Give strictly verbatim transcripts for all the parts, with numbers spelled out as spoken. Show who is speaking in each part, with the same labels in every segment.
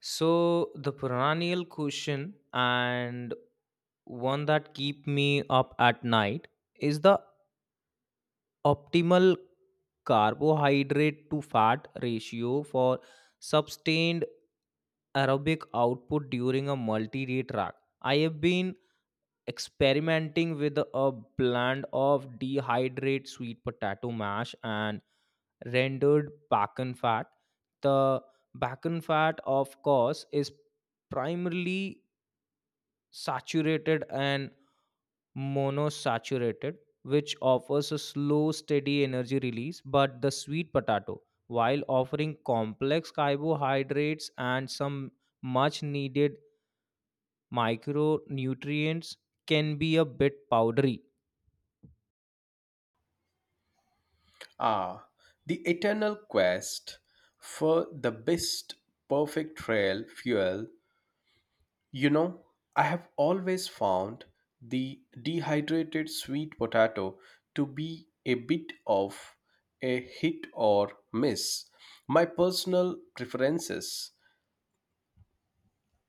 Speaker 1: So the perennial question and one that keep me up at night is the optimal carbohydrate to fat ratio for sustained aerobic output during a multi-day track. I have been experimenting with a blend of dehydrated sweet potato mash and rendered bacon fat. The bacon fat, of course, is primarily saturated and monosaturated, which offers a slow, steady energy release, but the sweet potato, while offering complex carbohydrates and some much needed micronutrients, can be a bit powdery.
Speaker 2: Ah, the eternal quest for the best perfect trail fuel. You know, I have always found the dehydrated sweet potato to be a bit of a hit or miss. My personal preferences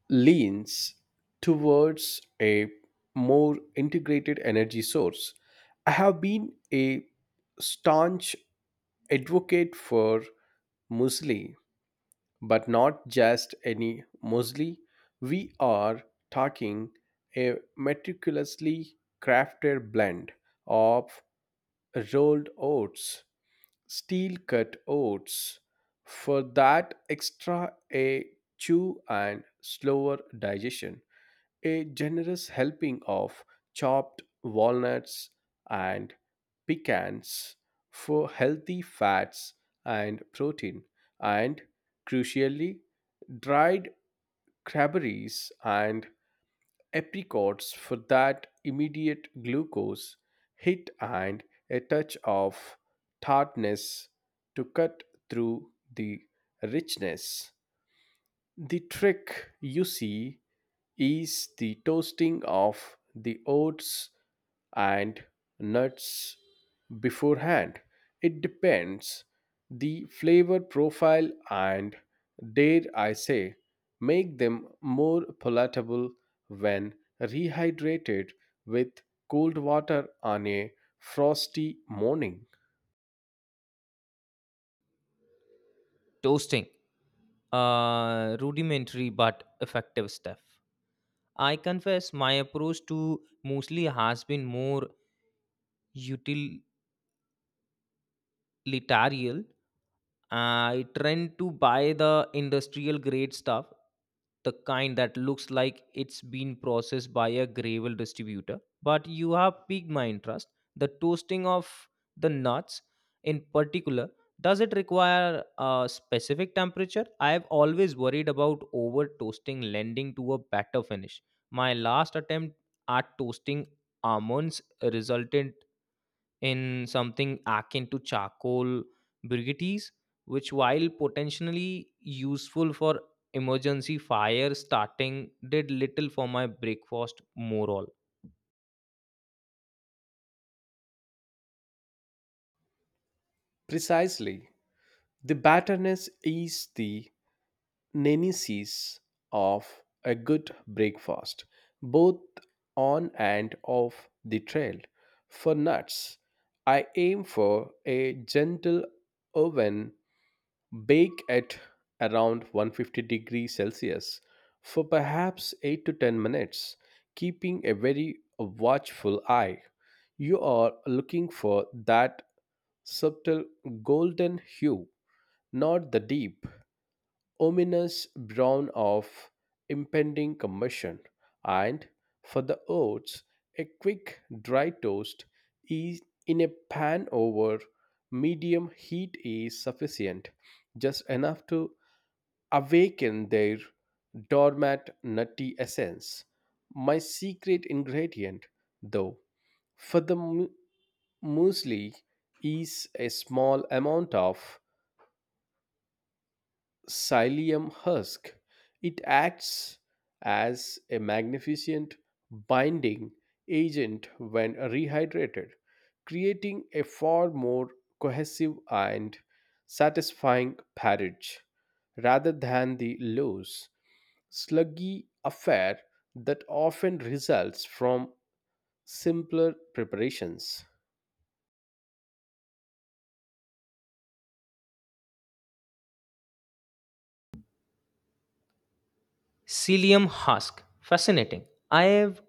Speaker 2: leans towards a more integrated energy source. I have been a staunch advocate for muesli, but not just any muesli. We are talking a meticulously crafted blend of rolled oats, steel cut oats, for that extra a chew and slower digestion. A generous helping of chopped walnuts and pecans for healthy fats and protein, and crucially, dried cranberries and apricots for that immediate glucose hit and a touch of tartness to cut through the richness. The trick, you see, is the toasting of the oats and nuts beforehand. It depends the flavor profile and dare I say make them more palatable when rehydrated with cold water on a frosty morning.
Speaker 1: Toasting, uh, rudimentary but effective stuff. I confess my approach to muesli has been more util Litarial. I trend to buy the industrial grade stuff, the kind that looks like it's been processed by a gravel distributor. But you have piqued my interest. The toasting of the nuts, in particular, does it require a specific temperature? I've always worried about over toasting lending to a better finish. My last attempt at toasting almonds resulted in something akin to charcoal briquettes, which, while potentially useful for emergency fire starting, did little for my breakfast moral.
Speaker 2: Precisely. The batterness is the nemesis of a good breakfast, both on and off the trail. For nuts, I aim for a gentle oven bake at around one hundred fifty degrees Celsius for perhaps eight to ten minutes, keeping a very watchful eye. You are looking for that subtle golden hue, not the deep, ominous brown of impending combustion, and for the oats, a quick dry toast is in a pan over medium heat is sufficient, just enough to awaken their dormant nutty essence. My secret ingredient, though, for the mu- muesli is a small amount of psyllium husk. It acts as a magnificent binding agent when rehydrated, creating a far more cohesive and satisfying porridge rather than the loose, sluggy affair that often results from simpler preparations.
Speaker 1: Psyllium husk. Fascinating. I have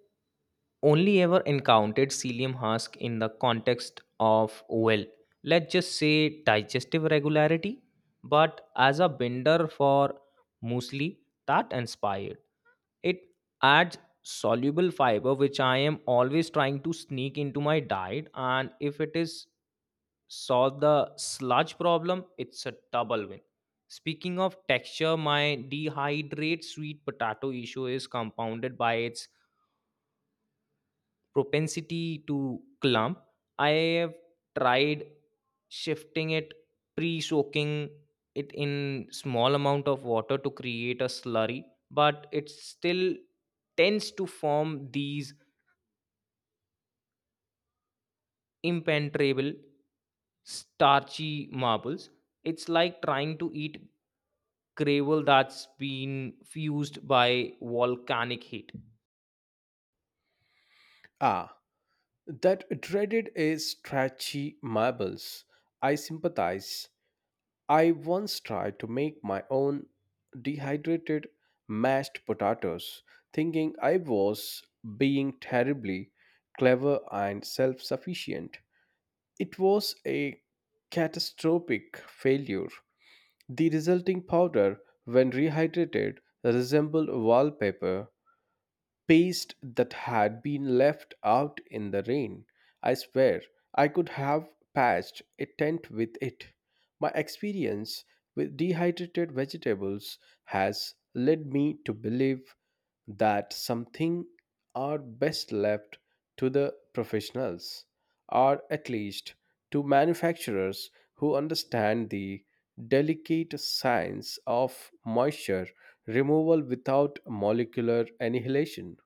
Speaker 1: only ever encountered psyllium husk in the context of, well, let's just say digestive regularity, but as a binder for muesli, that inspired. It adds soluble fiber, which I am always trying to sneak into my diet. And if it is solve the sludge problem, it's a double win. Speaking of texture, my dehydrate sweet potato issue is compounded by its propensity to clump. I have tried shifting it, pre soaking it in small amount of water to create a slurry, but it still tends to form these impenetrable starchy marbles. It's like trying to eat gravel that's been fused by volcanic heat.
Speaker 2: Ah, that dreaded is stretchy marbles. I sympathize. I once tried to make my own dehydrated mashed potatoes, thinking I was being terribly clever and self sufficient. It was a catastrophic failure. The resulting powder, when rehydrated, resembled wallpaper paste that had been left out in the rain. I swear, I could have patched a tent with it. My experience with dehydrated vegetables has led me to believe that something are best left to the professionals, or at least to manufacturers who understand the delicate science of moisture removal without molecular annihilation.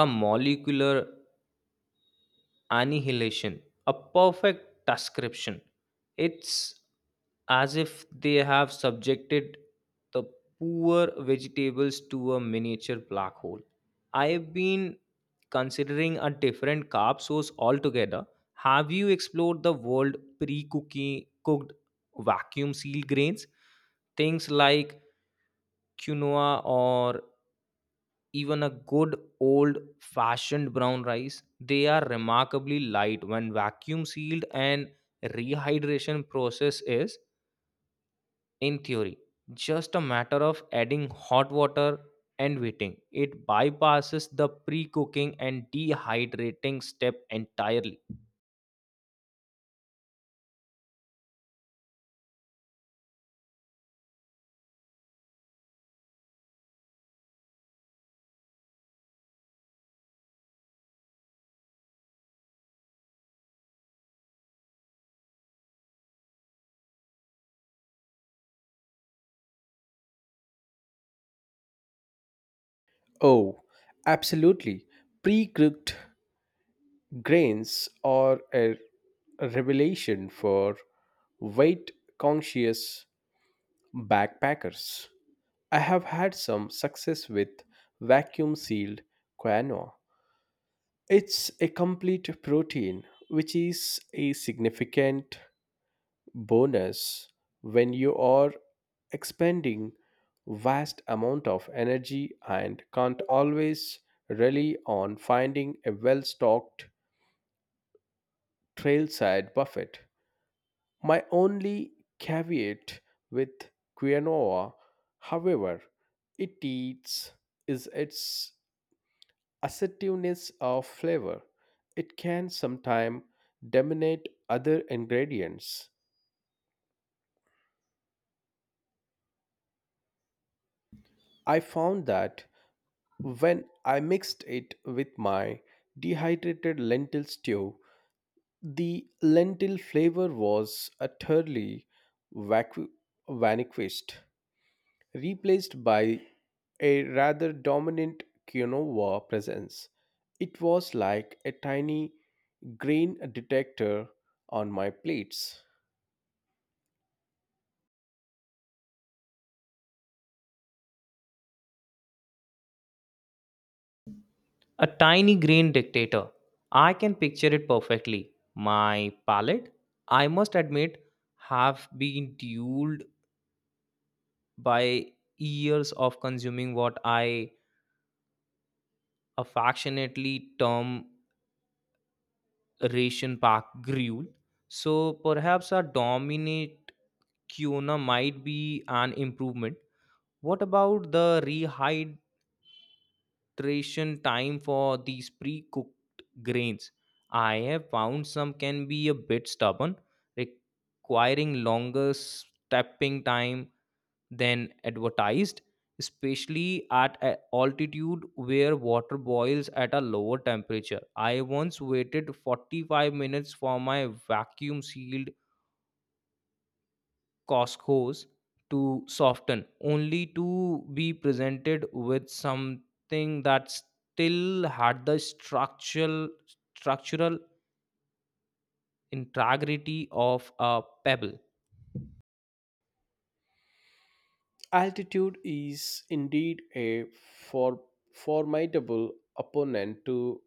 Speaker 1: A molecular annihilation, a perfect description. It's as if they have subjected the poor vegetables to a miniature black hole. I've been considering a different carb source altogether. Have you explored the world pre-cooking cooked vacuum sealed grains, things like quinoa or even a good old fashioned brown rice? They are remarkably light when vacuum sealed, and rehydration process is, in theory, just a matter of adding hot water and waiting. It bypasses the pre-cooking and dehydrating step entirely.
Speaker 2: Oh, absolutely. Pre cooked grains are a revelation for weight conscious backpackers. I have had some success with vacuum sealed quinoa. It's a complete protein, which is a significant bonus when you are expending vast amount of energy and can't always rely on finding a well-stocked trailside buffet. My only caveat with quinoa, however, it eats is its assertiveness of flavor. It can sometimes dominate other ingredients. I found that when I mixed it with my dehydrated lentil stew, the lentil flavor was utterly vacu- vanquished, replaced by a rather dominant quinoa presence. It was like a tiny grain detector on my plates.
Speaker 1: A tiny green dictator, I can picture it perfectly. My palate, I must admit, have been dulled by years of consuming what I affectionately term ration pack gruel. So perhaps a dominate Kiona might be an improvement. What about the rehydration time for these pre cooked grains? I have found some can be a bit stubborn, requiring longer stepping time than advertised, especially at a altitude where water boils at a lower temperature. I once waited forty-five minutes for my vacuum sealed Costco hose to soften, only to be presented with something that still had the structural structural integrity of a pebble.
Speaker 2: Altitude is indeed a for- formidable opponent to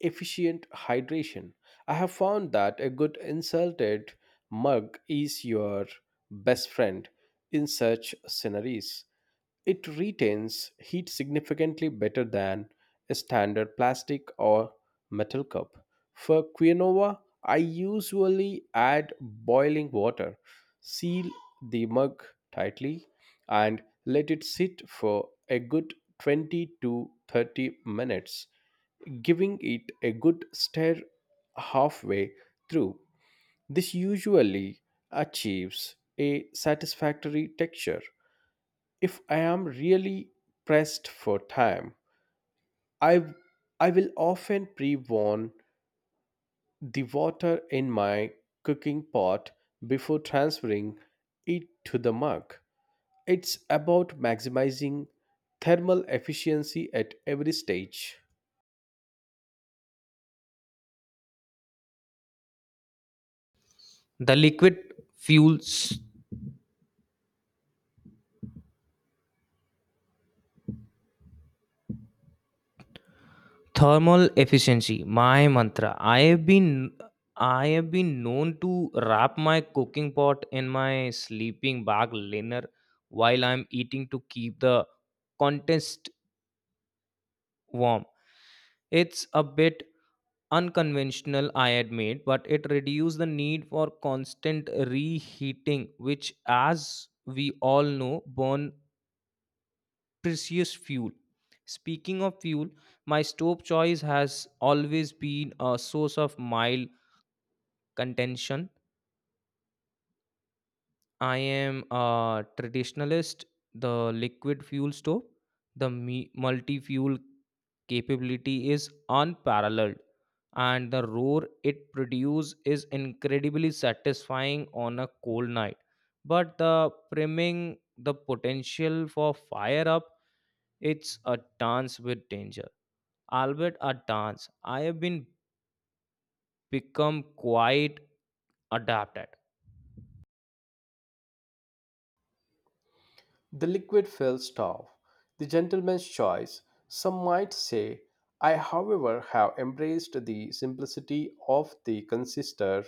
Speaker 2: efficient hydration. I have found that a good insulted mug is your best friend in such scenaries. It retains heat significantly better than a standard plastic or metal cup. For quinoa, I usually add boiling water, seal the mug tightly, and let it sit for a good twenty to thirty minutes, giving it a good stir halfway through. This usually achieves a satisfactory texture. If I am really pressed for time, I w- I will often pre-warm the water in my cooking pot before transferring it to the mug. It's about maximizing thermal efficiency at every stage.
Speaker 1: The liquid fuels thermal efficiency, my mantra. I have been I have been known to wrap my cooking pot in my sleeping bag liner while I'm eating to keep the contest warm. It's a bit unconventional, I admit, but it reduced the need for constant reheating, which as we all know burn precious fuel. Speaking of fuel, my stove choice has always been a source of mild contention. I am a traditionalist. The liquid fuel stove, the multi fuel capability is unparalleled, and the roar it produces is incredibly satisfying on a cold night. But the priming, the potential for fire up, it's a dance with danger. Albeit a dance, I have been become quite adapted.
Speaker 2: The liquid filled stove, the gentleman's choice. Some might say, I, however, have embraced the simplicity of the consister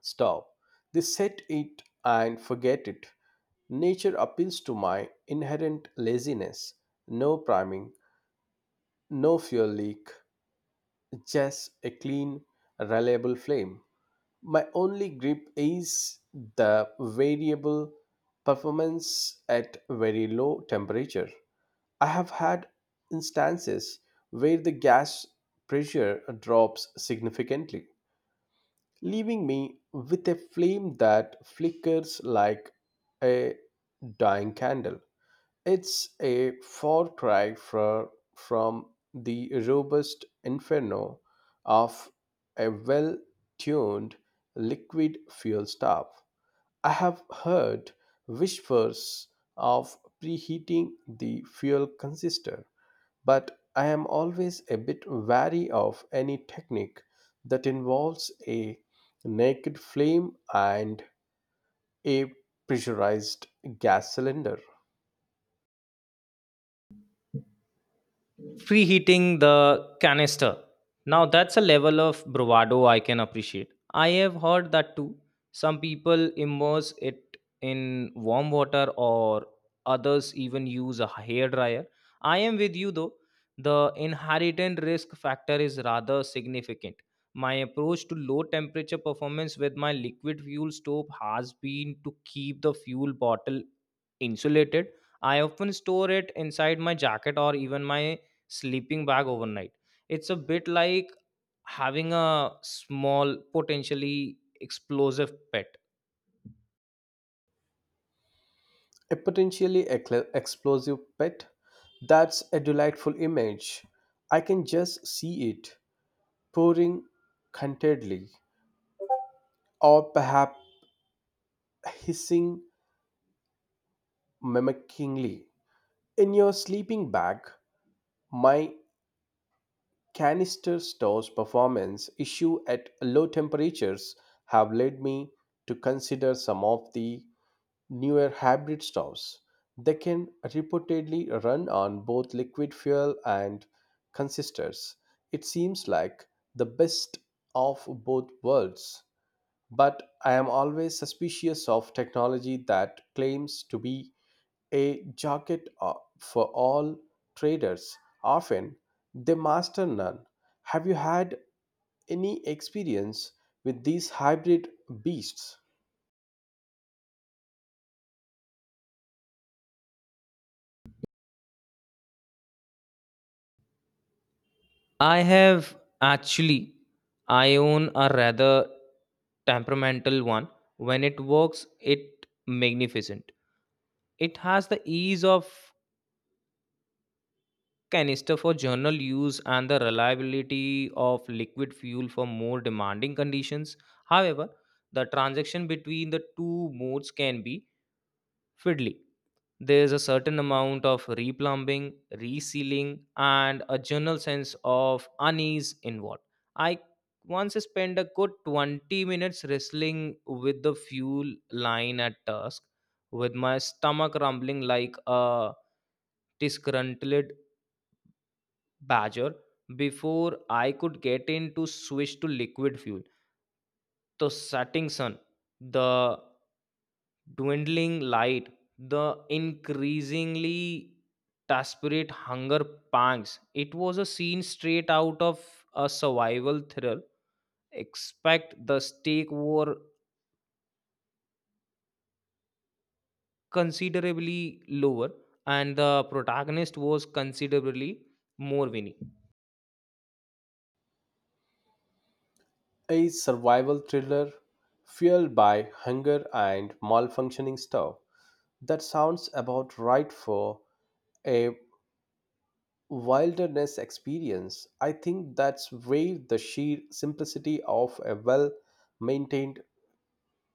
Speaker 2: Stop. They set it and forget it. Nature appeals to my inherent laziness. No priming, no fuel leak, just a clean, reliable flame. My only grip is the variable performance at very low temperature. I have had instances where the gas pressure drops significantly, leaving me with a flame that flickers like a dying candle. It's a far cry fro- from the robust inferno of a well tuned liquid fuel stove. I have heard whispers of preheating the fuel canister, but I am always a bit wary of any technique that involves a naked flame and a pressurized gas cylinder.
Speaker 1: Preheating the canister. Now that's a level of bravado I can appreciate. I have heard that too. Some people immerse it in warm water or others even use a hair dryer. I am with you though. The inherent risk factor is rather significant. My approach to low temperature performance with my liquid fuel stove has been to keep the fuel bottle insulated. I often store it inside my jacket or even my sleeping bag overnight. It's a bit like having a small, potentially explosive pet.
Speaker 2: A potentially ecl- explosive pet? That's a delightful image. I can just see it pouring contentedly, or perhaps hissing mimickingly. In your sleeping bag, my canister stores performance issue at low temperatures have led me to consider some of the newer hybrid stoves. They can reportedly run on both liquid fuel and consistors. It seems like the best of both worlds, but I am always suspicious of technology that claims to be a jacket o- for all traders. Often they master none. Have you had any experience with these hybrid beasts?
Speaker 1: I have actually, I own a rather temperamental one. When it works, it magnificent. It has the ease of canister for general use and the reliability of liquid fuel for more demanding conditions. However, the transaction between the two modes can be fiddly. There is a certain amount of replumbing, resealing, and a general sense of unease involved. I once spent a good twenty minutes wrestling with the fuel line at dusk, with my stomach rumbling like a disgruntled badger before I could get in to switch to liquid fuel. The setting sun, the dwindling light, the increasingly desperate hunger pangs. It was a scene straight out of a survival thriller. Expect the stake were considerably lower and the protagonist was considerably more winning.
Speaker 2: A survival thriller fueled by hunger and malfunctioning stuff. That sounds about right for a wilderness experience. I think that's where the sheer simplicity of a well maintained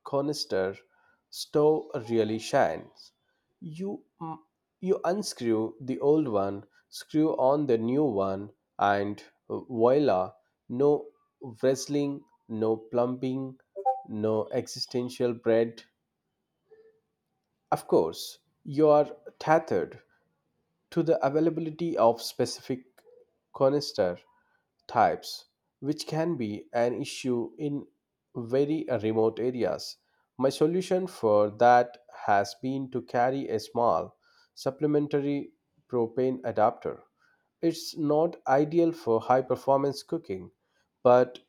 Speaker 2: canister stove really shines. You, you unscrew the old one, screw on the new one, and voila, no wrestling, no plumbing, no existential bread. Of course, you are tethered to the availability of specific canister types, which can be an issue in very remote areas. My solution for that has been to carry a small supplementary propane adapter. It's not ideal for high performance cooking, but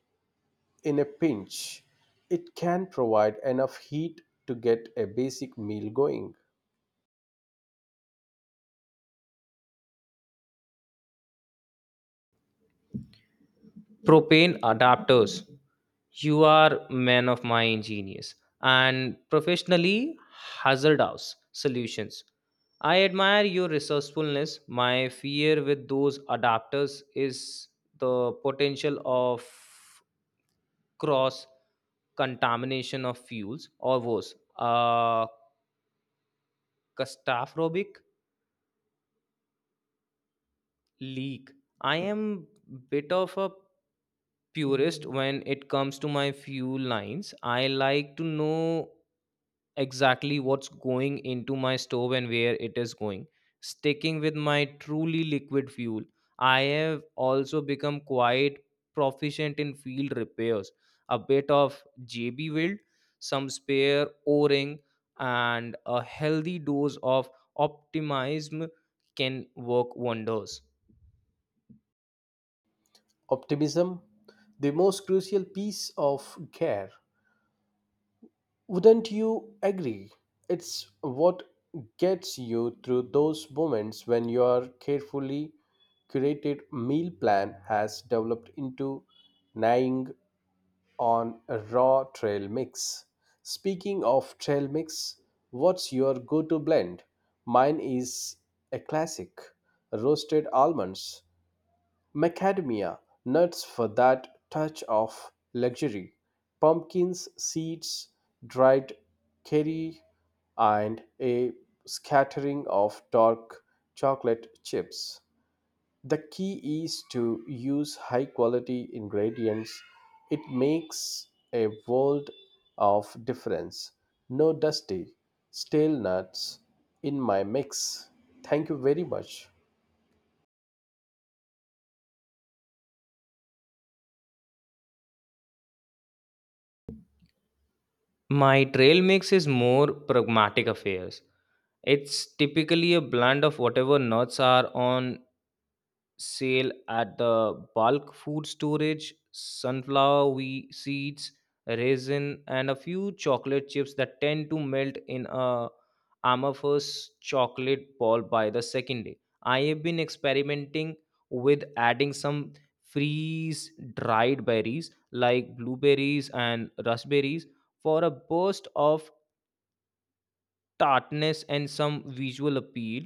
Speaker 2: in a pinch, it can provide enough heat to get a basic meal going.
Speaker 1: Propane adapters. You are man of my genius and professionally hazardous solutions. I admire your resourcefulness. My fear with those adapters is the potential of cross contamination of fuels or worse, a catastrophic leak. I am bit of a purist when it comes to my fuel lines. I like to know exactly what's going into my stove and where it is going. Sticking with my truly liquid fuel, I have also become quite proficient in field repairs. A bit of J B weld, some spare O ring, and a healthy dose of optimism can work wonders.
Speaker 2: Optimism, the most crucial piece of care. Wouldn't you agree? It's what gets you through those moments when your carefully curated meal plan has developed into gnawing on a raw trail mix. Speaking of trail mix, what's your go to blend? Mine is a classic: roasted almonds, Macadamia nuts for that touch of luxury, pumpkins, seeds, dried curry, and a scattering of dark chocolate chips. The key is to use high quality ingredients. It makes a world of difference. No dusty, stale nuts in my mix. Thank you very much.
Speaker 1: My trail mix is more pragmatic affairs. It's typically a blend of whatever nuts are on sale at the bulk food storage, sunflower we- seeds, raisin, and a few chocolate chips that tend to melt in a amorphous chocolate ball by the second day. I have been experimenting with adding some freeze dried berries like blueberries and raspberries for a burst of tartness and some visual appeal.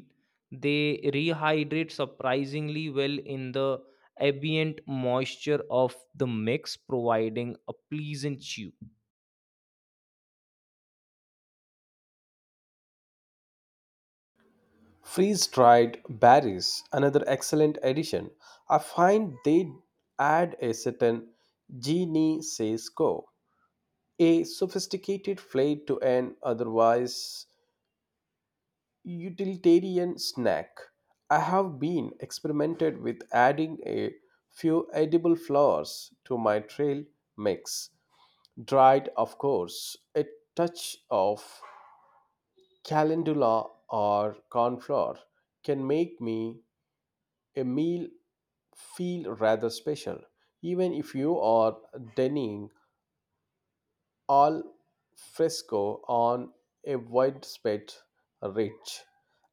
Speaker 1: They rehydrate surprisingly well in the ambient moisture of the mix, providing a pleasant chew.
Speaker 2: Freeze dried berries, another excellent addition. I find they add a certain je ne sais quoi, a sophisticated flair to an otherwise utilitarian snack. I have been experimented with adding a few edible flowers to my trail mix, dried, of course. A touch of calendula or cornflower can make me a meal feel rather special, even if you are dining al fresco on a widespread ridge.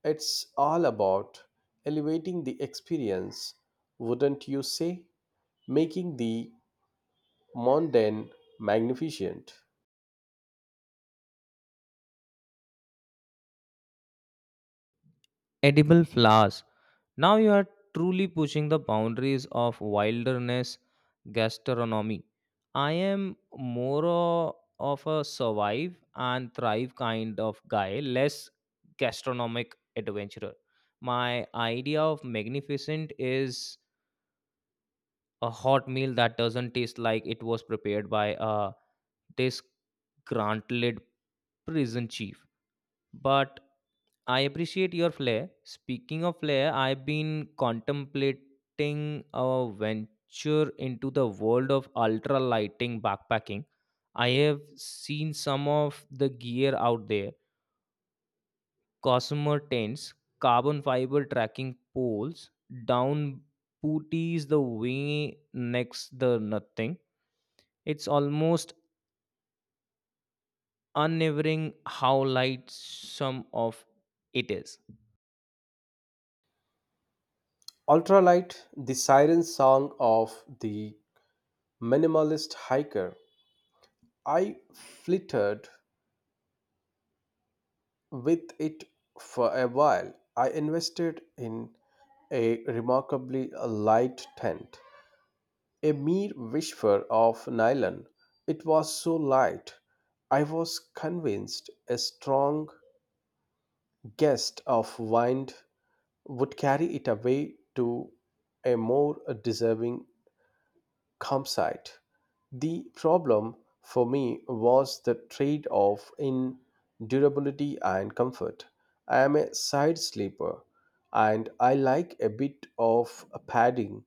Speaker 2: It's all about elevating the experience, wouldn't you say? Making the mundane magnificent.
Speaker 1: Edible flowers. Now you are truly pushing the boundaries of wilderness gastronomy. I am more o- of a survive and thrive kind of guy, less gastronomic adventurer. My idea of magnificent is a hot meal that doesn't taste like it was prepared by a disgruntled prison chief. But I appreciate your flair. Speaking of flair, I've been contemplating a venture into the world of ultra lighting backpacking. I have seen some of the gear out there, Cosmer tents, carbon fiber tracking poles, down booties the way next the nothing. It's almost unnerving how light some of it is.
Speaker 2: Ultralight, the siren song of the minimalist hiker. I flittered with it for a while. I invested in a remarkably light tent, a mere whisper of nylon. It was so light, I was convinced a strong gust of wind would carry it away to a more deserving campsite. The problem for me was the trade off in durability and comfort. I am a side sleeper and I like a bit of padding.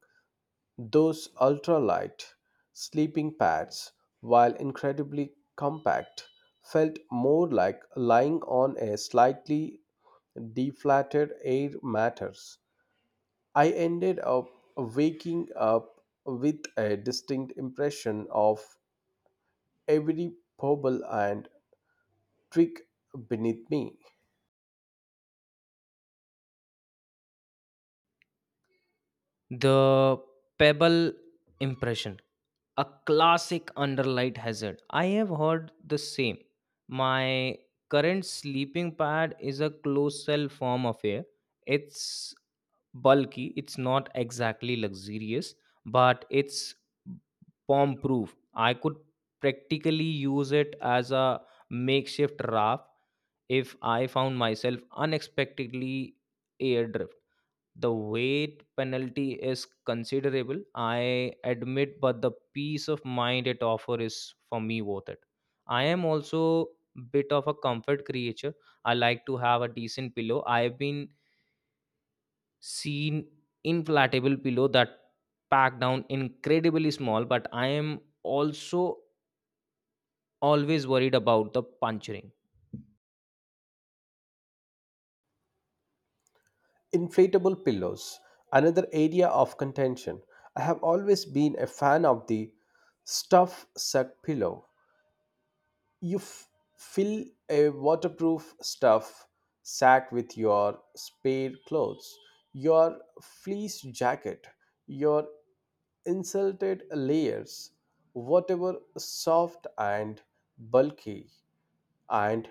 Speaker 2: Those ultralight sleeping pads, while incredibly compact, felt more like lying on a slightly deflated air mattress. I ended up waking up with a distinct impression of every pebble and twig beneath me.
Speaker 1: The pebble impression, a classic underlight hazard. I have heard the same. My current sleeping pad is a closed cell form affair. It's bulky, it's not exactly luxurious, but it's bomb proof. I could practically use it as a makeshift raft if I found myself unexpectedly airdrift. The weight penalty is considerable, I admit, but the peace of mind it offers is for me worth it. I am also bit of a comfort creature. I like to have a decent pillow. I've been seen inflatable pillow that pack down incredibly small, but I am also always worried about the puncturing.
Speaker 2: Inflatable pillows, another area of contention. I have always been a fan of the stuff suck pillow. You f- fill a waterproof stuff sack with your spare clothes, your fleece jacket, your insulted layers, whatever soft and bulky, and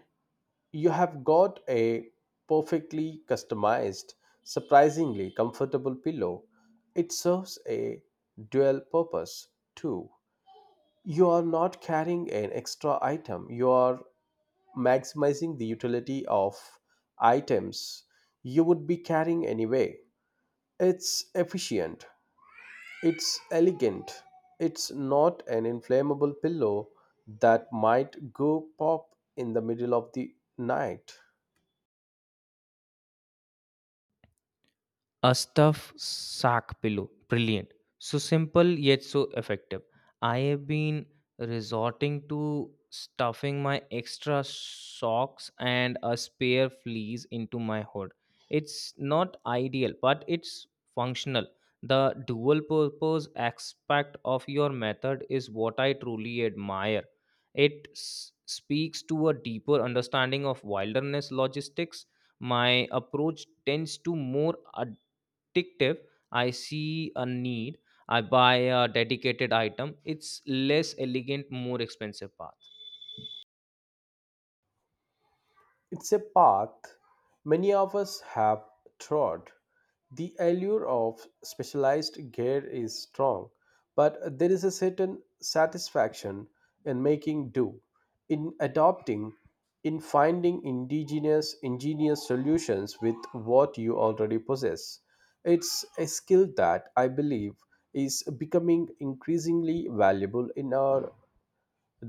Speaker 2: you have got a perfectly customized, surprisingly comfortable pillow. It serves a dual purpose too. You are not carrying an extra item, you are maximizing the utility of items you would be carrying anyway. It's efficient, it's elegant, it's not an inflammable pillow that might go pop in the middle of the night.
Speaker 1: A stuffed sack pillow. Brilliant. So simple yet so effective. I have been resorting to stuffing my extra socks and a spare fleece into my hood. It's not ideal, but it's functional. The dual purpose aspect of your method is what I truly admire. It s- speaks to a deeper understanding of wilderness logistics. My approach tends to more tick, tip, I see a need, I buy a dedicated item. It's less elegant, more expensive path.
Speaker 2: It's a path many of us have trod. The allure of specialized gear is strong, but there is a certain satisfaction in making do, in adopting, in finding indigenous ingenious solutions with what you already possess. It's a skill that I believe is becoming increasingly valuable in our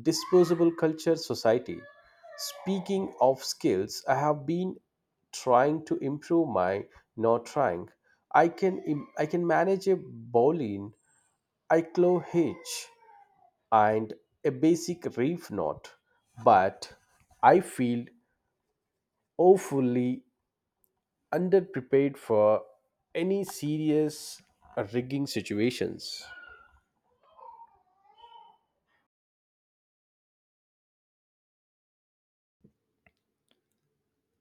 Speaker 2: disposable culture society. Speaking of skills, I have been trying to improve my not trying. I can im- I can manage a bowline, I claw hitch, and a basic reef knot, but I feel awfully underprepared for any serious rigging situations.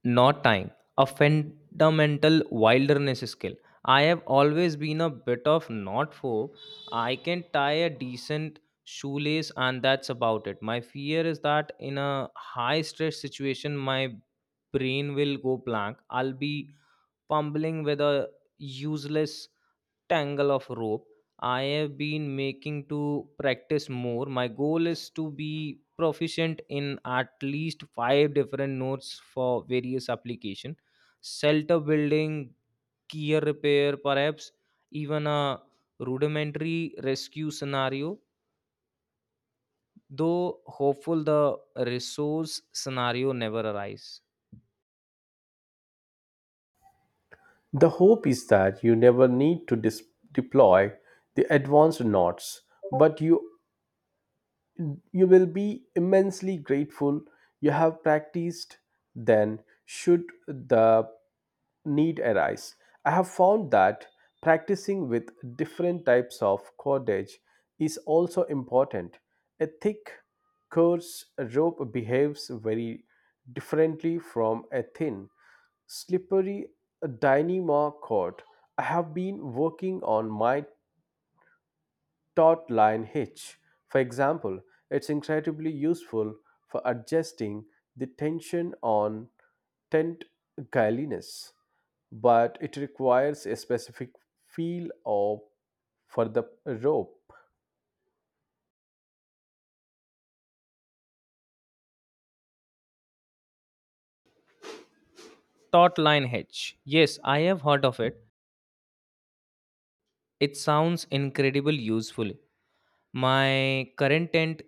Speaker 1: Not time, a fundamental wilderness skill. I have always been a bit of not phobe. I can tie a decent shoelace and that's about it. My fear is that in a high stress situation my brain will go blank. I'll be fumbling with a useless tangle of rope. I have been making to practice more. My goal is to be proficient in at least five different notes for various application, shelter building, gear repair, perhaps even a rudimentary rescue scenario. Though hopeful the resource scenario never arise.
Speaker 2: The hope is that you never need to dis- deploy the advanced knots, but you You will be immensely grateful you have practiced then should the need arise. I have found that practicing with different types of cordage is also important. A thick, coarse rope behaves very differently from a thin, slippery dynamo cord. I have been working on my taut line hitch, for example. It's incredibly useful for adjusting the tension on tent guiliness, but it requires a specific feel of for the rope.
Speaker 1: Taut line hedge. Yes, I have heard of it. It sounds incredible useful. My current tent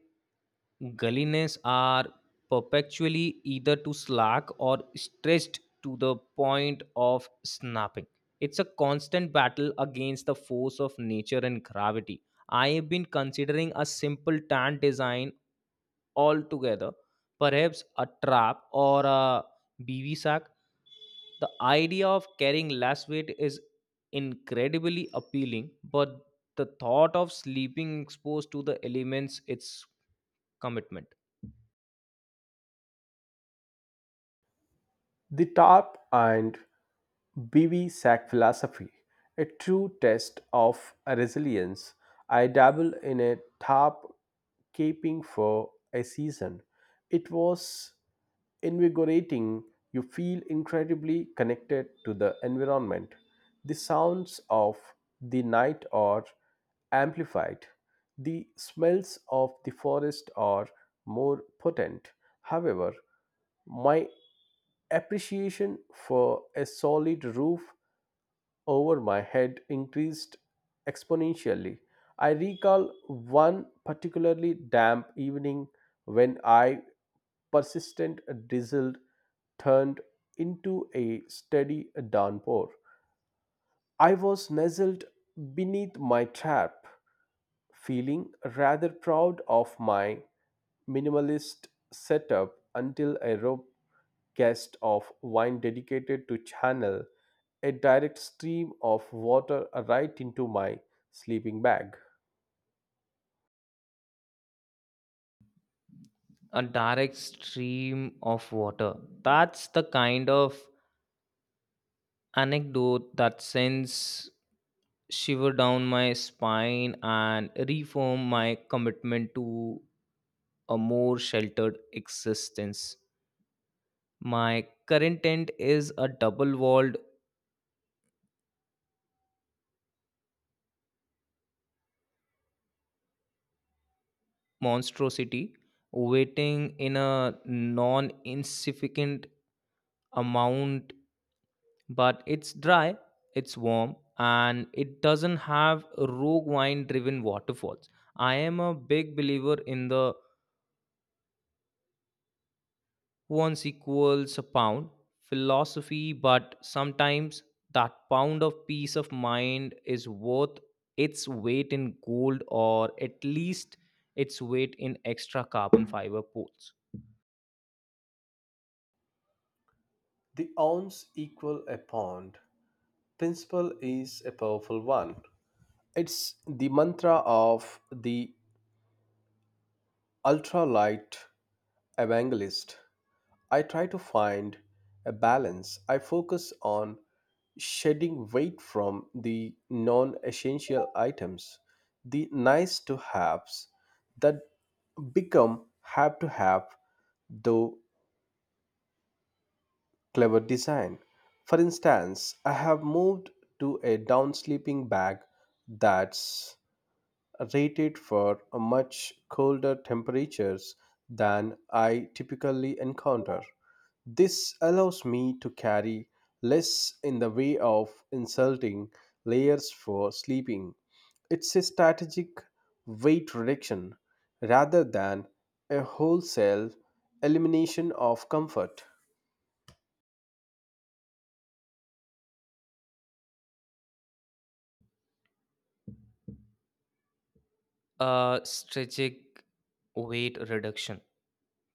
Speaker 1: gulliness are perpetually either too slack or stretched to the point of snapping. It's a constant battle against the force of nature and gravity. I have been considering a simple tent design altogether, perhaps a trap or a B V sack. The idea of carrying less weight is incredibly appealing, but the thought of sleeping exposed to the elements, it's commitment.
Speaker 2: The tarp and B V sack philosophy, a true test of resilience. I dabbled in a tarp caping for a season. It was invigorating. You feel incredibly connected to the environment. The sounds of the night are amplified. The smells of the forest are more potent. However, my appreciation for a solid roof over my head increased exponentially. I recall one particularly damp evening when I persistent drizzle turned into a steady downpour. I was nestled beneath my trap, feeling rather proud of my minimalist setup until a rope guest of wine dedicated to channel a direct stream of water right into my sleeping bag.
Speaker 1: A direct stream of water. That's the kind of anecdote that sends shiver down my spine and reform my commitment to a more sheltered existence. My current tent is a double walled monstrosity waiting in a non insignificant amount, but it's dry, it's warm, and it doesn't have rogue wine driven waterfalls. I am a big believer in the once equals a pound philosophy, but sometimes that pound of peace of mind is worth its weight in gold or at least its weight in extra carbon fiber pools.
Speaker 2: The ounce equal a pound principle is a powerful one. It's the mantra of the ultralight evangelist. I try to find a balance. I focus on shedding weight from the non essential items, the nice to haves that become have to have, though clever design. For instance, I have moved to a down sleeping bag that's rated for much colder temperatures than I typically encounter. This allows me to carry less in the way of insulting layers for sleeping. It's a strategic weight reduction rather than a wholesale elimination of comfort.
Speaker 1: Uh, strategic weight reduction.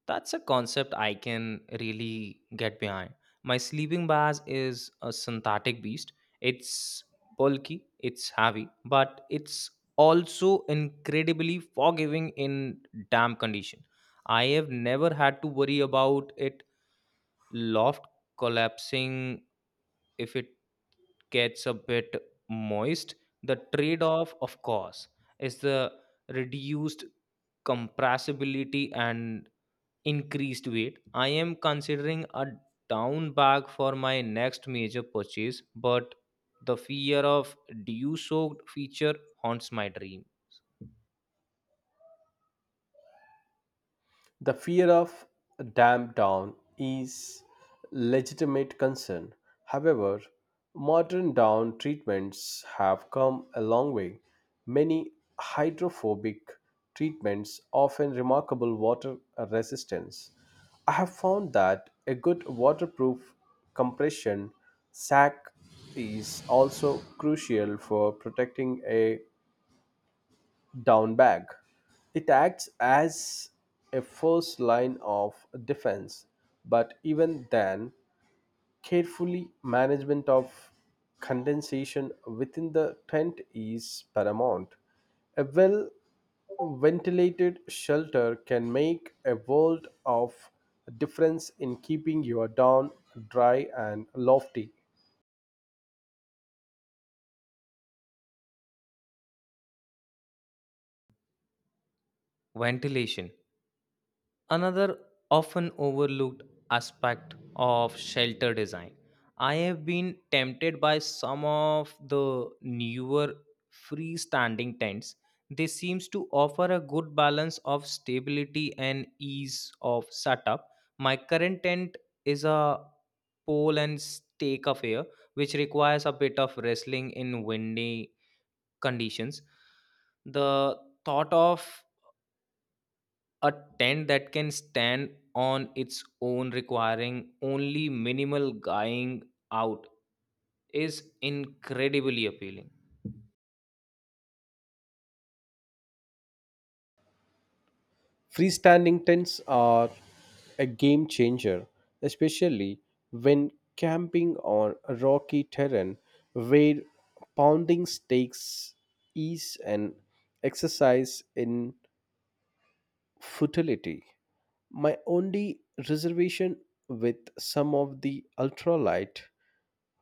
Speaker 1: That's a concept I can really get behind. My sleeping bag is a synthetic beast. It's bulky, it's heavy, but it's also incredibly forgiving in damp condition. I have never had to worry about it loft collapsing if it gets a bit moist. The trade-off, of course, is the reduced compressibility and increased weight. I am considering a down bag for my next major purchase, but the fear of dew soaked feature haunts my dreams.
Speaker 2: The fear of a dam down is legitimate concern. However, modern down treatments have come a long way. Many hydrophobic treatments often remarkable water resistance. I have found that a good waterproof compression sack is also crucial for protecting a down bag. It acts as a first line of defense, but even then, carefully management of condensation within the tent is paramount. A well ventilated shelter can make a world of difference in keeping your down dry and lofty.
Speaker 1: Ventilation. Another often overlooked aspect of shelter design. I have been tempted by some of the newer freestanding tents. They seems to offer a good balance of stability and ease of setup. My current tent is a pole and stake affair, which requires a bit of wrestling in windy conditions. The thought of a tent that can stand on its own requiring only minimal guying out is incredibly appealing.
Speaker 2: Freestanding tents are a game changer, especially when camping on rocky terrain where pounding stakes is an exercise in futility. My only reservation with some of the ultralight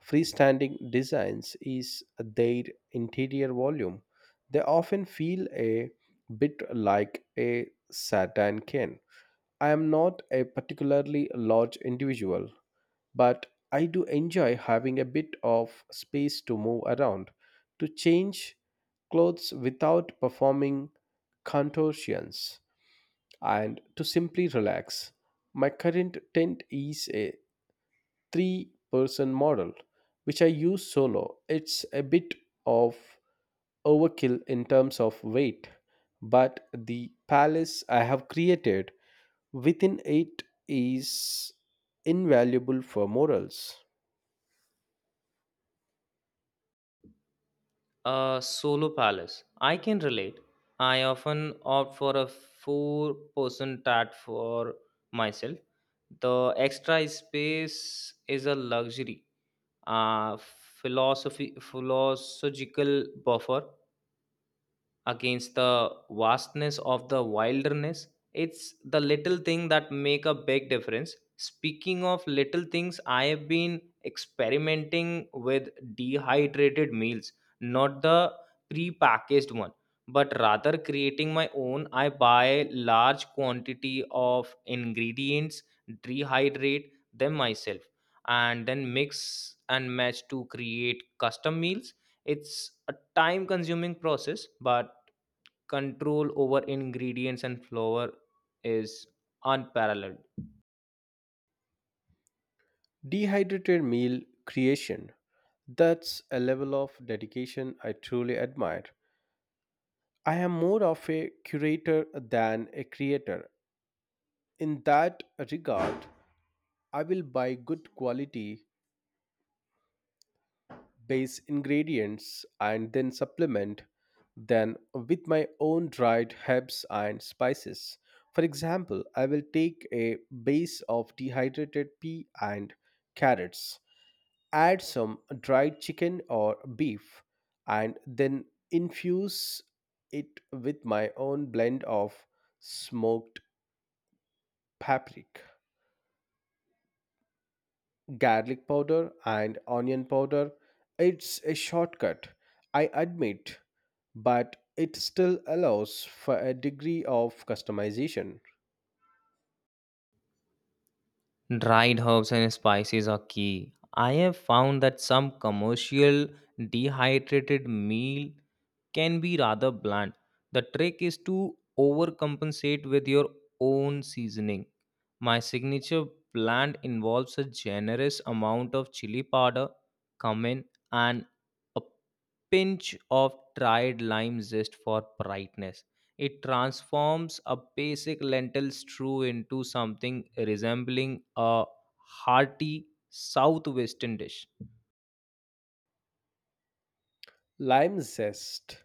Speaker 2: freestanding designs is their interior volume. They often feel a bit like a satin can. I am not a particularly large individual, but I do enjoy having a bit of space to move around, to change clothes without performing contortions and to simply relax. My current tent is a three person model, which I use solo. It's a bit of overkill in terms of weight, but the palace I have created within it is invaluable for morals.
Speaker 1: A solo palace. I can relate. I often opt for a four person tat for myself. The extra space is a luxury, a philosophy philosophical buffer against the vastness of the wilderness. It's the little thing that make a big difference. Speaking of little things, I have been experimenting with dehydrated meals, not the pre-packaged one, but rather creating my own. I buy large quantity of ingredients, dehydrate them myself, and then mix and match to create custom meals. It's a time consuming process, but control over ingredients and flour is unparalleled.
Speaker 2: Dehydrated meal creation. That's a level of dedication I truly admire. I am more of a curator than a creator, In that regard, I will buy good quality base ingredients and then supplement them with my own dried herbs and spices. For example, I will take a base of dehydrated pea and carrots, add some dried chicken or beef, and then infuse it with my own blend of smoked paprika. garlic powder and onion powder. It's a shortcut, I admit, but it still allows for a degree of customization.
Speaker 1: Dried herbs and spices are key. I have found that some commercial dehydrated meal can be rather bland. The trick is to overcompensate with your own seasoning. My signature blend involves a generous amount of chili powder, cumin, and a pinch of dried lime zest for brightness. It transforms a basic lentil stew into something resembling a hearty southwestern dish.
Speaker 2: Lime Zest,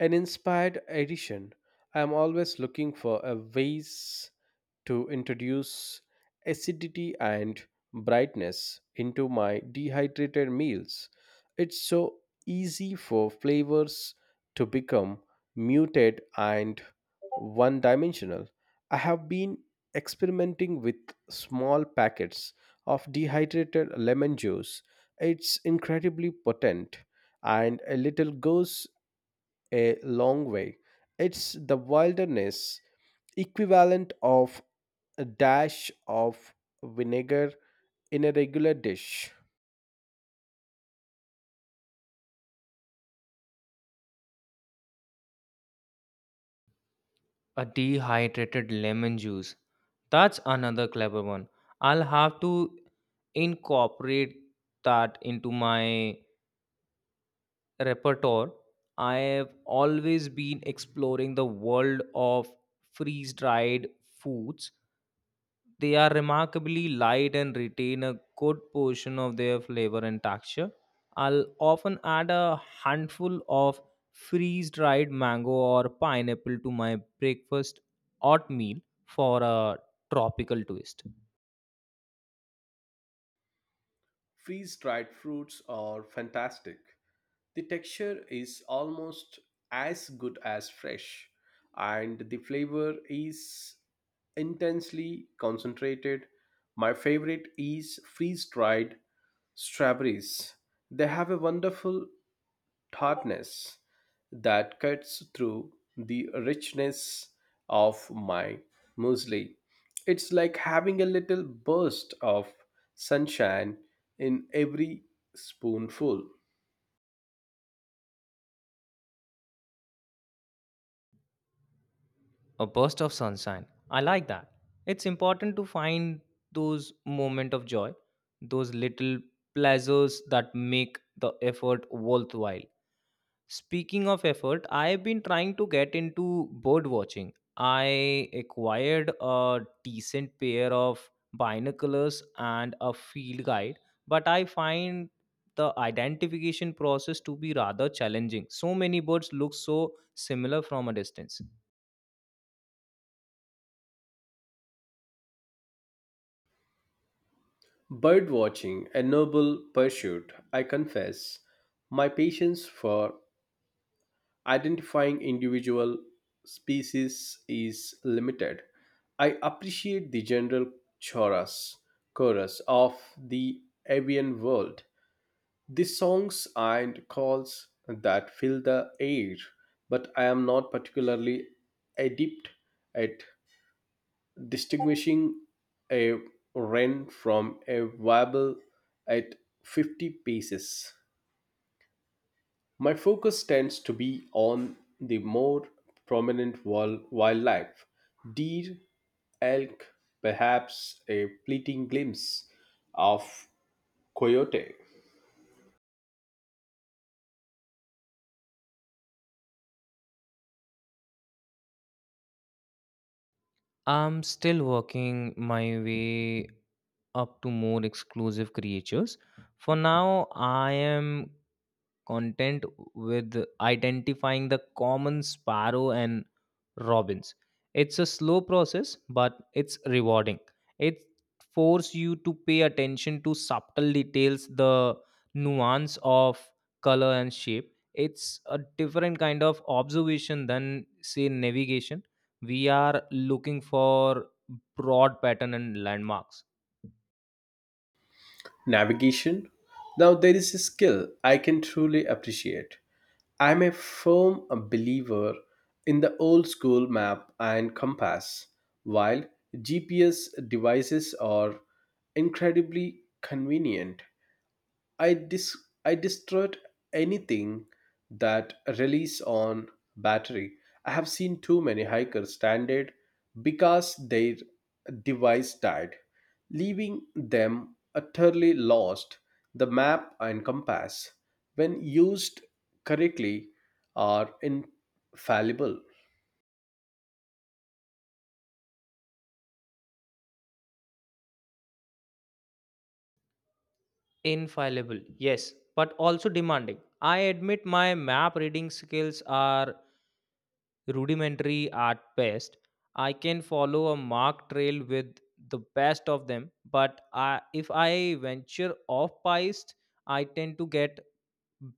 Speaker 2: an inspired edition. I am always looking for a ways to introduce acidity and brightness into my dehydrated meals. It's so easy for flavors to become muted and one dimensional. I have been experimenting with small packets of dehydrated lemon juice. It's incredibly potent and a little goes a long way. It's the wilderness equivalent of a dash of vinegar in a regular dish.
Speaker 1: A dehydrated lemon juice. That's another clever one. I'll have to incorporate that into my repertoire. I have always been exploring the world of freeze dried foods. They are remarkably light and retain a good portion of their flavor and texture. I'll often add a handful of freeze dried mango or pineapple to my breakfast oatmeal for a tropical twist.
Speaker 2: Freeze dried fruits are fantastic. The texture is almost as good as fresh, and the flavor is intensely concentrated. My favorite is freeze dried strawberries. They have a wonderful Tartness that cuts through the richness of my muesli. It's like having a little burst of sunshine in every spoonful.
Speaker 1: A burst of sunshine. I like that. It's important to find those moments of joy, those little pleasures that make the effort worthwhile. Speaking of effort, I've been trying to get into bird watching. I acquired a decent pair of binoculars and a field guide, but I find the identification process to be rather challenging. So many birds look so similar from a distance.
Speaker 2: Bird watching, a noble pursuit, I confess. My patience for identifying individual species is limited. I appreciate the general chorus, chorus of the avian world, The songs and calls that fill the air, but I am not particularly adept at distinguishing a wren from a warble at fifty paces. My focus tends to be on the more prominent wild- wildlife, deer, elk, perhaps a fleeting glimpse of coyote.
Speaker 1: I'm still working my way up to more exclusive creatures. For now, I am content with identifying the common sparrow and robins. It's a slow process, but it's rewarding. It forces you to pay attention to subtle details, the nuance of color and shape. It's a different kind of observation than, say, navigation. We are looking for broad pattern and landmarks.
Speaker 2: Navigation? Now, there is a skill I can truly appreciate. I'm a firm believer in the old school map and compass. While G P S devices are incredibly convenient, I dis I distrust anything that relies on battery. I have seen too many hikers stranded because their device died, leaving them utterly lost. The map and compass, when used correctly, are infallible.
Speaker 1: Infallible, yes, but also demanding. I admit my map reading skills are rudimentary at best. I can follow a marked trail with the best of them, but I, if I venture off piste, I tend to get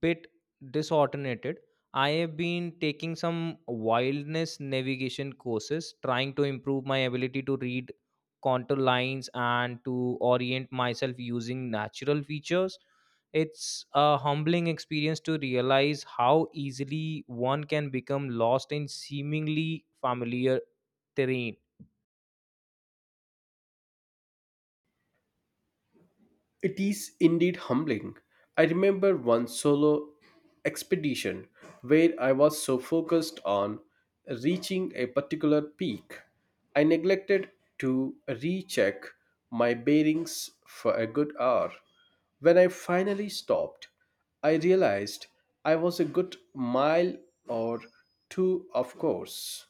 Speaker 1: bit disordinated. I have been taking some wilderness navigation courses, trying to improve my ability to read contour lines and to orient myself using natural features. It's a humbling experience to realize how easily one can become lost in seemingly familiar terrain.
Speaker 2: It is indeed humbling. I remember one solo expedition where I was so focused on reaching a particular peak, I neglected to recheck my bearings for a good hour. When I finally stopped, I realized I was a good mile or two off course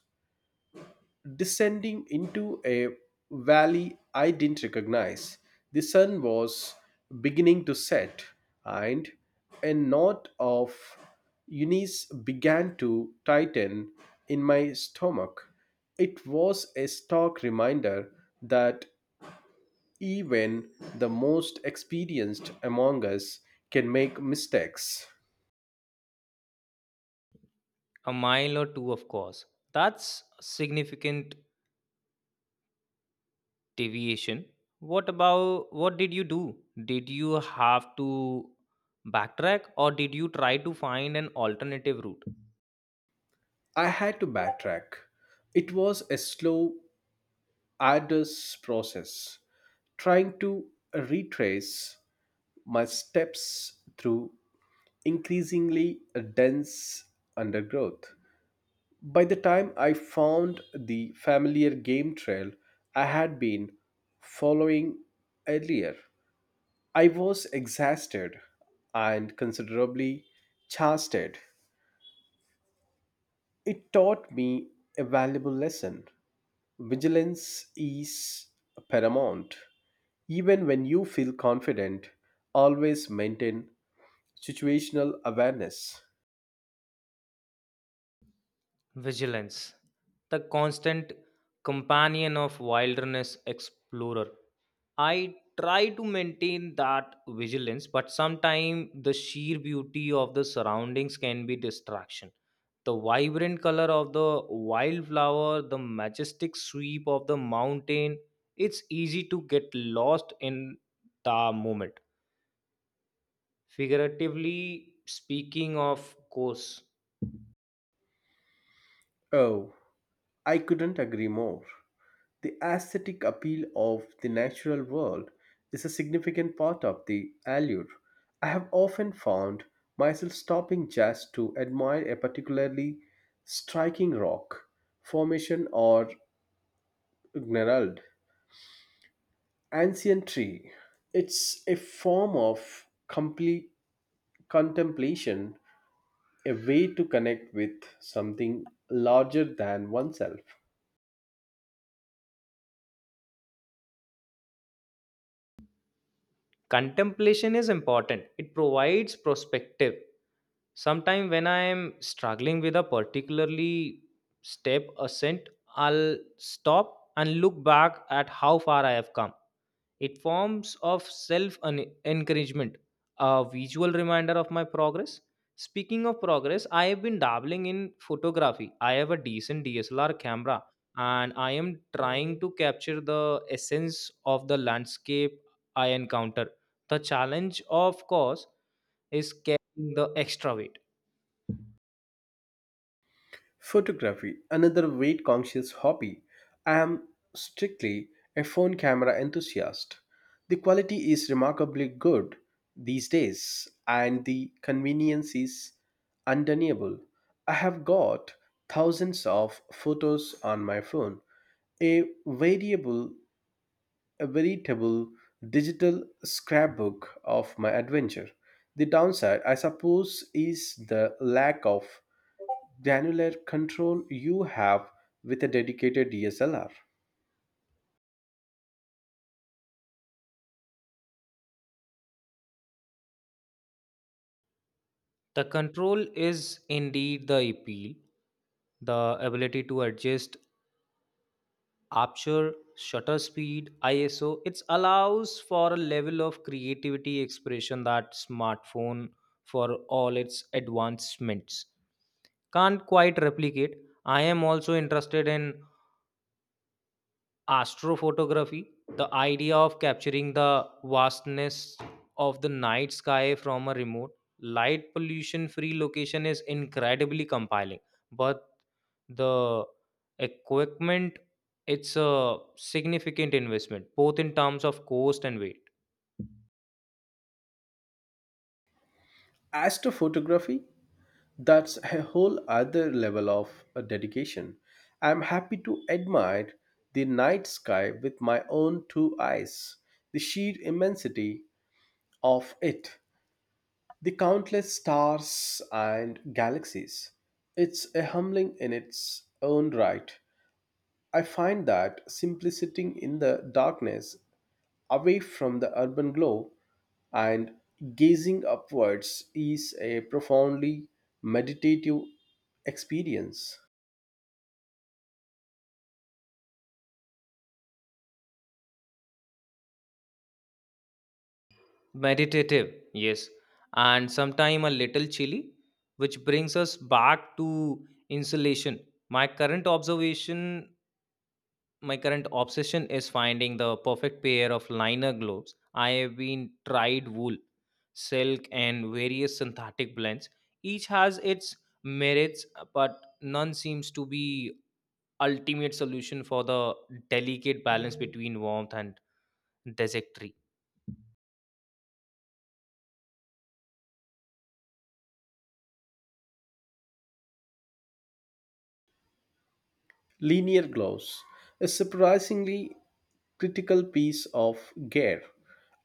Speaker 2: descending into a valley I didn't recognize. The sun was beginning to set, and a knot of unease began to tighten in my stomach. It was a stark reminder that even the most experienced among us can make mistakes.
Speaker 1: A mile or two, of course. That's significant deviation. What about, what did you do? Did you have to backtrack or did you try to find an alternative route?
Speaker 2: I had to backtrack. It was a slow, arduous process trying to retrace my steps through increasingly dense undergrowth. By the time I found the familiar game trail I had been following earlier, I was exhausted and considerably chastised. It taught me a valuable lesson. Vigilance is paramount. Even when you feel confident, always maintain situational awareness.
Speaker 1: Vigilance, the constant companion of wilderness explorer. I try to maintain that vigilance, but sometimes the sheer beauty of the surroundings can be distraction. The vibrant color of the wildflower, the majestic sweep of the mountain, it's easy to get lost in the moment. Figuratively speaking, of course.
Speaker 2: Oh, I couldn't agree more. The aesthetic appeal of the natural world is a significant part of the allure. I have often found myself stopping just to admire a particularly striking rock, formation, or gnarled ancient tree. It's a form of complete contemplation, a way to connect with something larger than oneself.
Speaker 1: Contemplation is important. It provides perspective. Sometimes, when I am struggling with a particularly step ascent, I'll stop and look back at how far I have come. It forms of self encouragement, a visual reminder of my progress. Speaking of progress, I have been dabbling in photography. I have a decent D S L R camera and I am trying to capture the essence of the landscape I encounter. The challenge, of course, is carrying the extra weight.
Speaker 2: Photography, another weight conscious hobby. I am strictly a phone camera enthusiast. The quality is remarkably good these days, and the convenience is undeniable. I have got thousands of photos on my phone, a variable, a veritable digital scrapbook of my adventure. The downside, I suppose, is the lack of granular control you have with a dedicated D S L R.
Speaker 1: The control is indeed the appeal, the ability to adjust aperture, shutter speed, iso. It allows for a level of creativity expression that smartphone, for all its advancements, can't quite replicate. I am also interested in astrophotography. The idea of capturing the vastness of the night sky from a remote, light pollution free location is incredibly compelling, but the equipment, it's a significant investment both in terms of cost and weight.
Speaker 2: As to photography, that's a whole other level of uh, dedication. I'm happy to admire the night sky with my own two eyes, the sheer immensity of it, the countless stars and galaxies. It's a humbling in its own right. I find that simplicity in the darkness away from the urban glow and gazing upwards is a profoundly meditative experience.
Speaker 1: Meditative, yes, and sometime a little chilly, which brings us back to insulation. my current observation my current obsession is finding the perfect pair of liner gloves. I have been tried wool, silk, and various synthetic blends. Each has its merits, but none seems to be ultimate solution for the delicate balance between warmth and desultory.
Speaker 2: Linear glows is surprisingly critical piece of gear.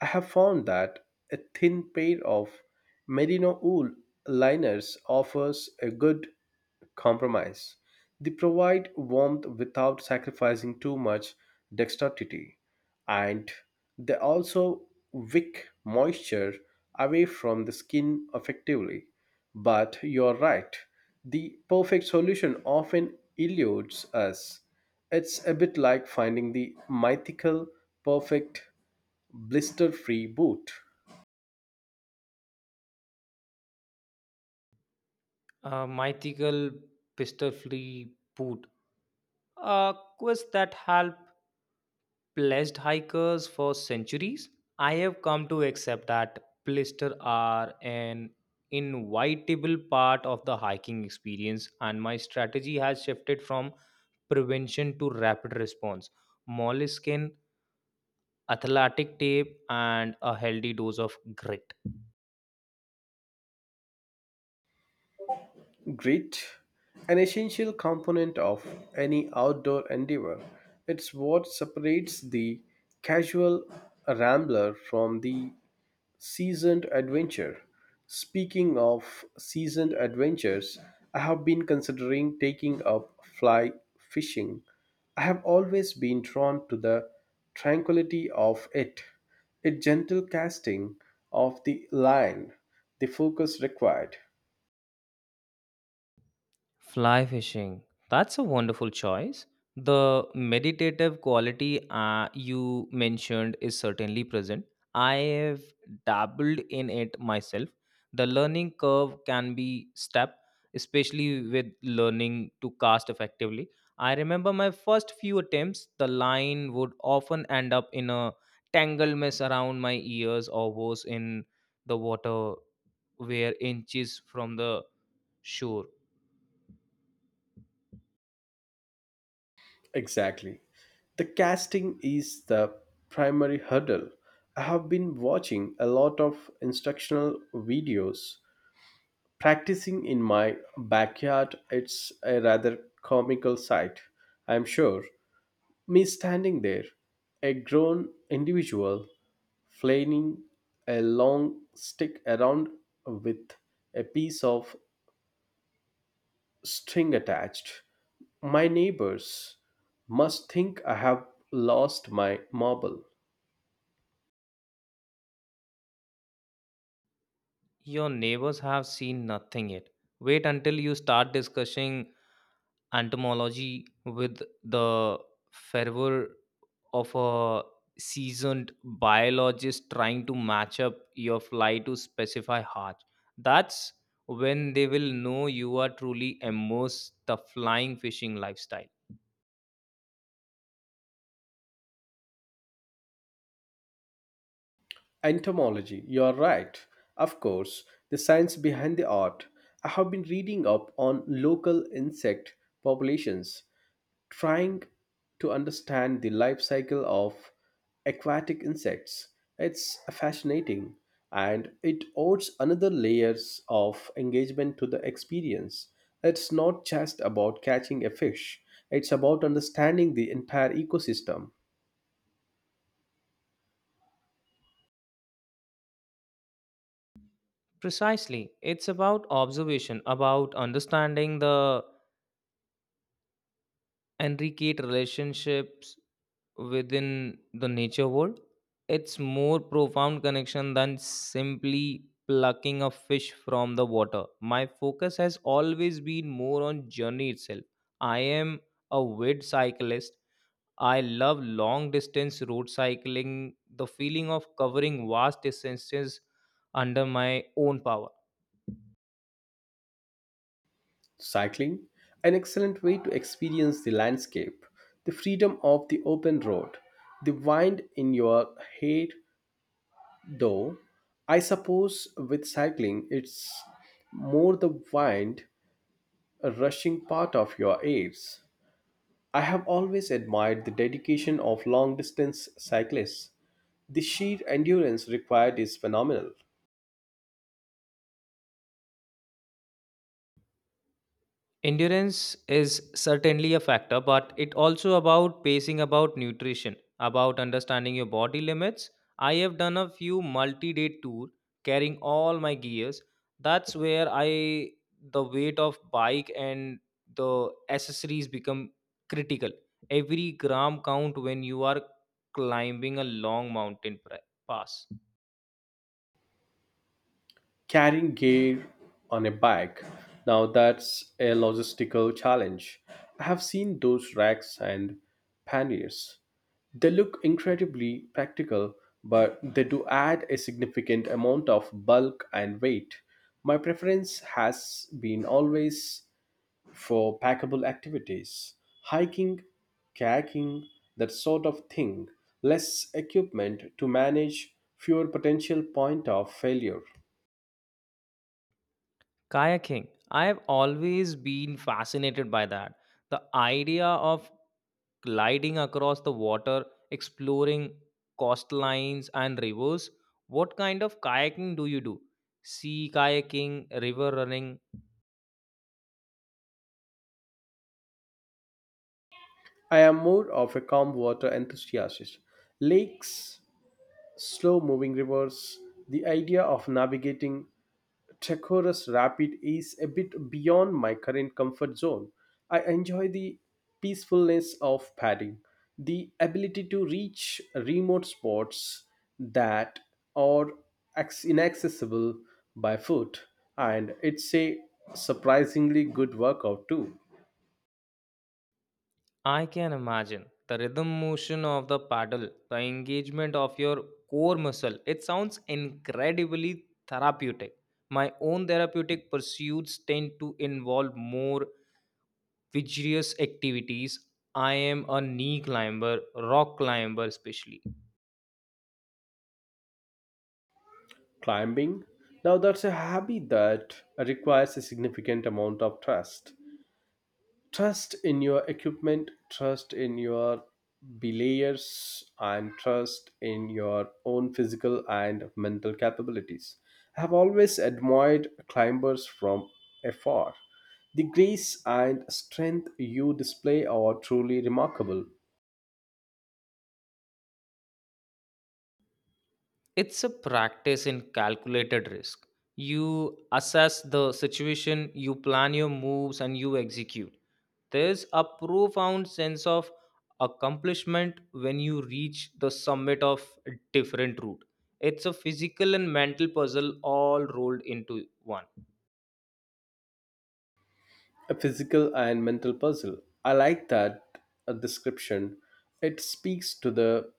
Speaker 2: I have found that a thin pair of merino wool liners offers a good compromise. They provide warmth without sacrificing too much dexterity, and they also wick moisture away from the skin effectively. But you're right, the perfect solution often eludes us it's a bit like finding the mythical, perfect, blister free boot.
Speaker 1: A mythical pistol-free boot, a quest that help pledged hikers for centuries. I have come to accept that blisters are an inevitable part of the hiking experience, and my strategy has shifted from prevention to rapid response. Moleskin, athletic tape, and a healthy dose of grit.
Speaker 2: Grit, an essential component of any outdoor endeavor, it's what separates the casual rambler from the Seasoned adventure. Speaking of seasoned adventures, I have been considering taking up fly fishing. I have always been drawn to the tranquility of it, a gentle casting of the line, the focus required.
Speaker 1: Fly fishing. That's a wonderful choice. The meditative quality uh, you mentioned is certainly present. I have dabbled in it myself. The learning curve can be steep, especially with learning to cast effectively. I remember my first few attempts, the line would often end up in a tangled mess around my ears, or worse, in the water where inches from the shore.
Speaker 2: Exactly. The casting is the primary hurdle. I have been watching a lot of instructional videos practicing in my backyard, it's a rather comical sight, I'm sure. Me standing there, a grown individual flailing a long stick around with a piece of string attached. My neighbors must think I have lost my marble.
Speaker 1: Your neighbors have seen nothing yet. Wait until you start discussing entomology with the fervor of a seasoned biologist trying to match up your fly to specify heart. That's when they will know you are truly immersed the flying fishing lifestyle.
Speaker 2: Entomology, you are right. Of course, the science behind the art. I have been reading up on local insect populations, trying to understand the life cycle of aquatic insects. It's fascinating and it adds another layers of engagement to the experience. It's not just about catching a fish, it's about understanding the entire ecosystem.
Speaker 1: Precisely. It's about observation, about understanding the Enricate relationships within the nature world. It's more profound connection than simply plucking a fish from the water. My focus has always been more on journey itself. I am a wid cyclist. I love long distance road cycling, the feeling of covering vast distances under my own power.
Speaker 2: Cycling, an excellent way to experience the landscape, the freedom of the open road, the wind in your hair, though I suppose with cycling it's more the wind rushing part of your ears. I have always admired the dedication of long distance cyclists. The sheer endurance required is phenomenal.
Speaker 1: Endurance is certainly a factor, but it also about pacing, about nutrition, about understanding your body limits. I have done a few multi-day tour carrying all my gears. That's where I the weight of bike and the accessories become critical. Every gram count when you are climbing a long mountain pra- pass.
Speaker 2: carrying gear on a bike. Now that's a logistical challenge. I have seen those racks and panniers. They look incredibly practical, but they do add a significant amount of bulk and weight. My preference has been always for packable activities hiking, kayaking, that sort of thing. Less equipment to manage, fewer potential point of failure.
Speaker 1: Kayaking. I have always been fascinated by that, the idea of gliding across the water, exploring coastlines and rivers. What kind of kayaking do you do? Sea kayaking, river running.
Speaker 2: I am more of a calm water enthusiast. Lakes, slow moving rivers, the idea of navigating treacherous rapid is a bit beyond my current comfort zone. I enjoy the peacefulness of padding, the ability to reach remote spots that are acc- inaccessible by foot, and it's a surprisingly good workout too.
Speaker 1: I can imagine the rhythm motion of the paddle, the engagement of your core muscle. It sounds incredibly therapeutic. My own therapeutic pursuits tend to involve more vigorous activities. I am a knee climber, rock climber, especially.
Speaker 2: climbing. Now, that's a hobby that requires a significant amount of trust. Trust in your equipment, trust in your belayers, and trust in your own physical and mental capabilities. I have always admired climbers from afar. The grace and strength you display are truly remarkable.
Speaker 1: It's a practice in calculated risk. You assess the situation, you plan your moves, and you execute. There's a profound sense of accomplishment when you reach the summit of a different route. It's a physical and mental puzzle all rolled into one.
Speaker 2: A physical and mental puzzle. I like that uh, description. It speaks to the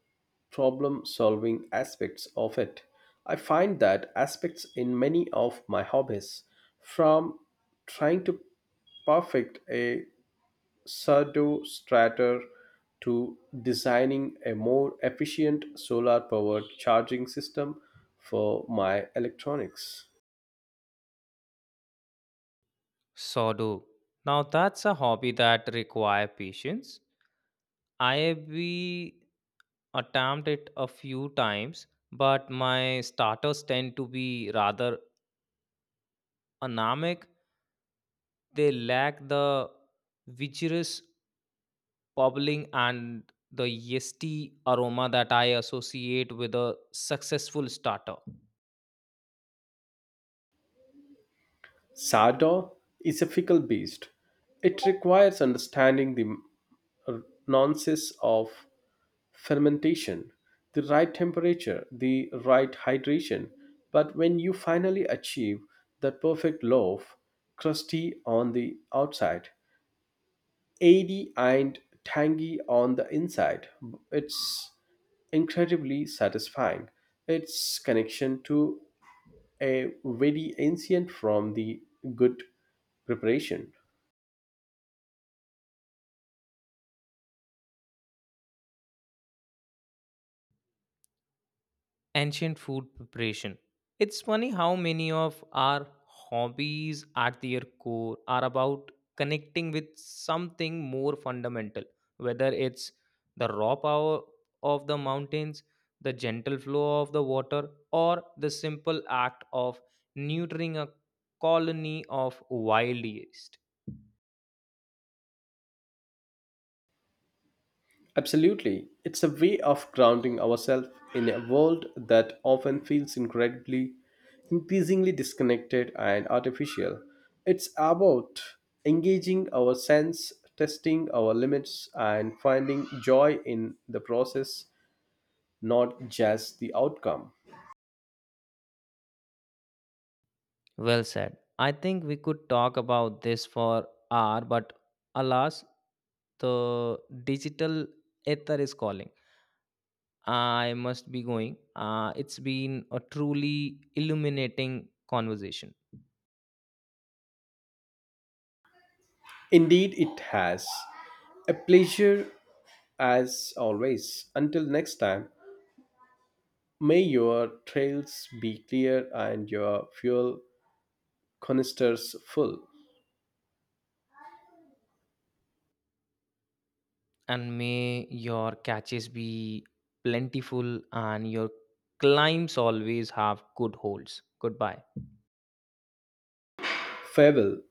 Speaker 2: problem solving aspects of it. I find that aspects in many of my hobbies, from trying to perfect a Sardo strater to designing a more efficient solar powered charging system for my electronics.
Speaker 1: Sodo. Now that's a hobby that require patience. I we attempt it a few times, but my starters tend to be rather a they lack the vigorous bubbling and the yeasty aroma that I associate with a successful starter.
Speaker 2: Sardo is a fickle beast. It requires understanding the uh, nonsense of fermentation, the right temperature, the right hydration. But when you finally achieve that perfect loaf, crusty on the outside, airy and tangy on the inside, it's incredibly satisfying. Its connection to a very ancient from the good preparation.
Speaker 1: Ancient food preparation. It's funny how many of our hobbies at their core are about connecting with something more fundamental, whether it's the raw power of the mountains, the gentle flow of the water, or the simple act of neutering a colony of wild yeast.
Speaker 2: Absolutely. It's a way of grounding ourselves in a world that often feels incredibly, increasingly disconnected and artificial. It's about engaging our sense, testing our limits, and finding joy in the process, not just the outcome.
Speaker 1: Well said. I think we could talk about this for hour, but alas, the digital ether is calling. I must be going. Uh, it's been a truly illuminating conversation,
Speaker 2: Indeed, it has. A pleasure as always. Until next time, may your trails be clear and your fuel canisters full.
Speaker 1: and may your catches be plentiful and your climbs always have good holds. Goodbye.
Speaker 2: Farewell.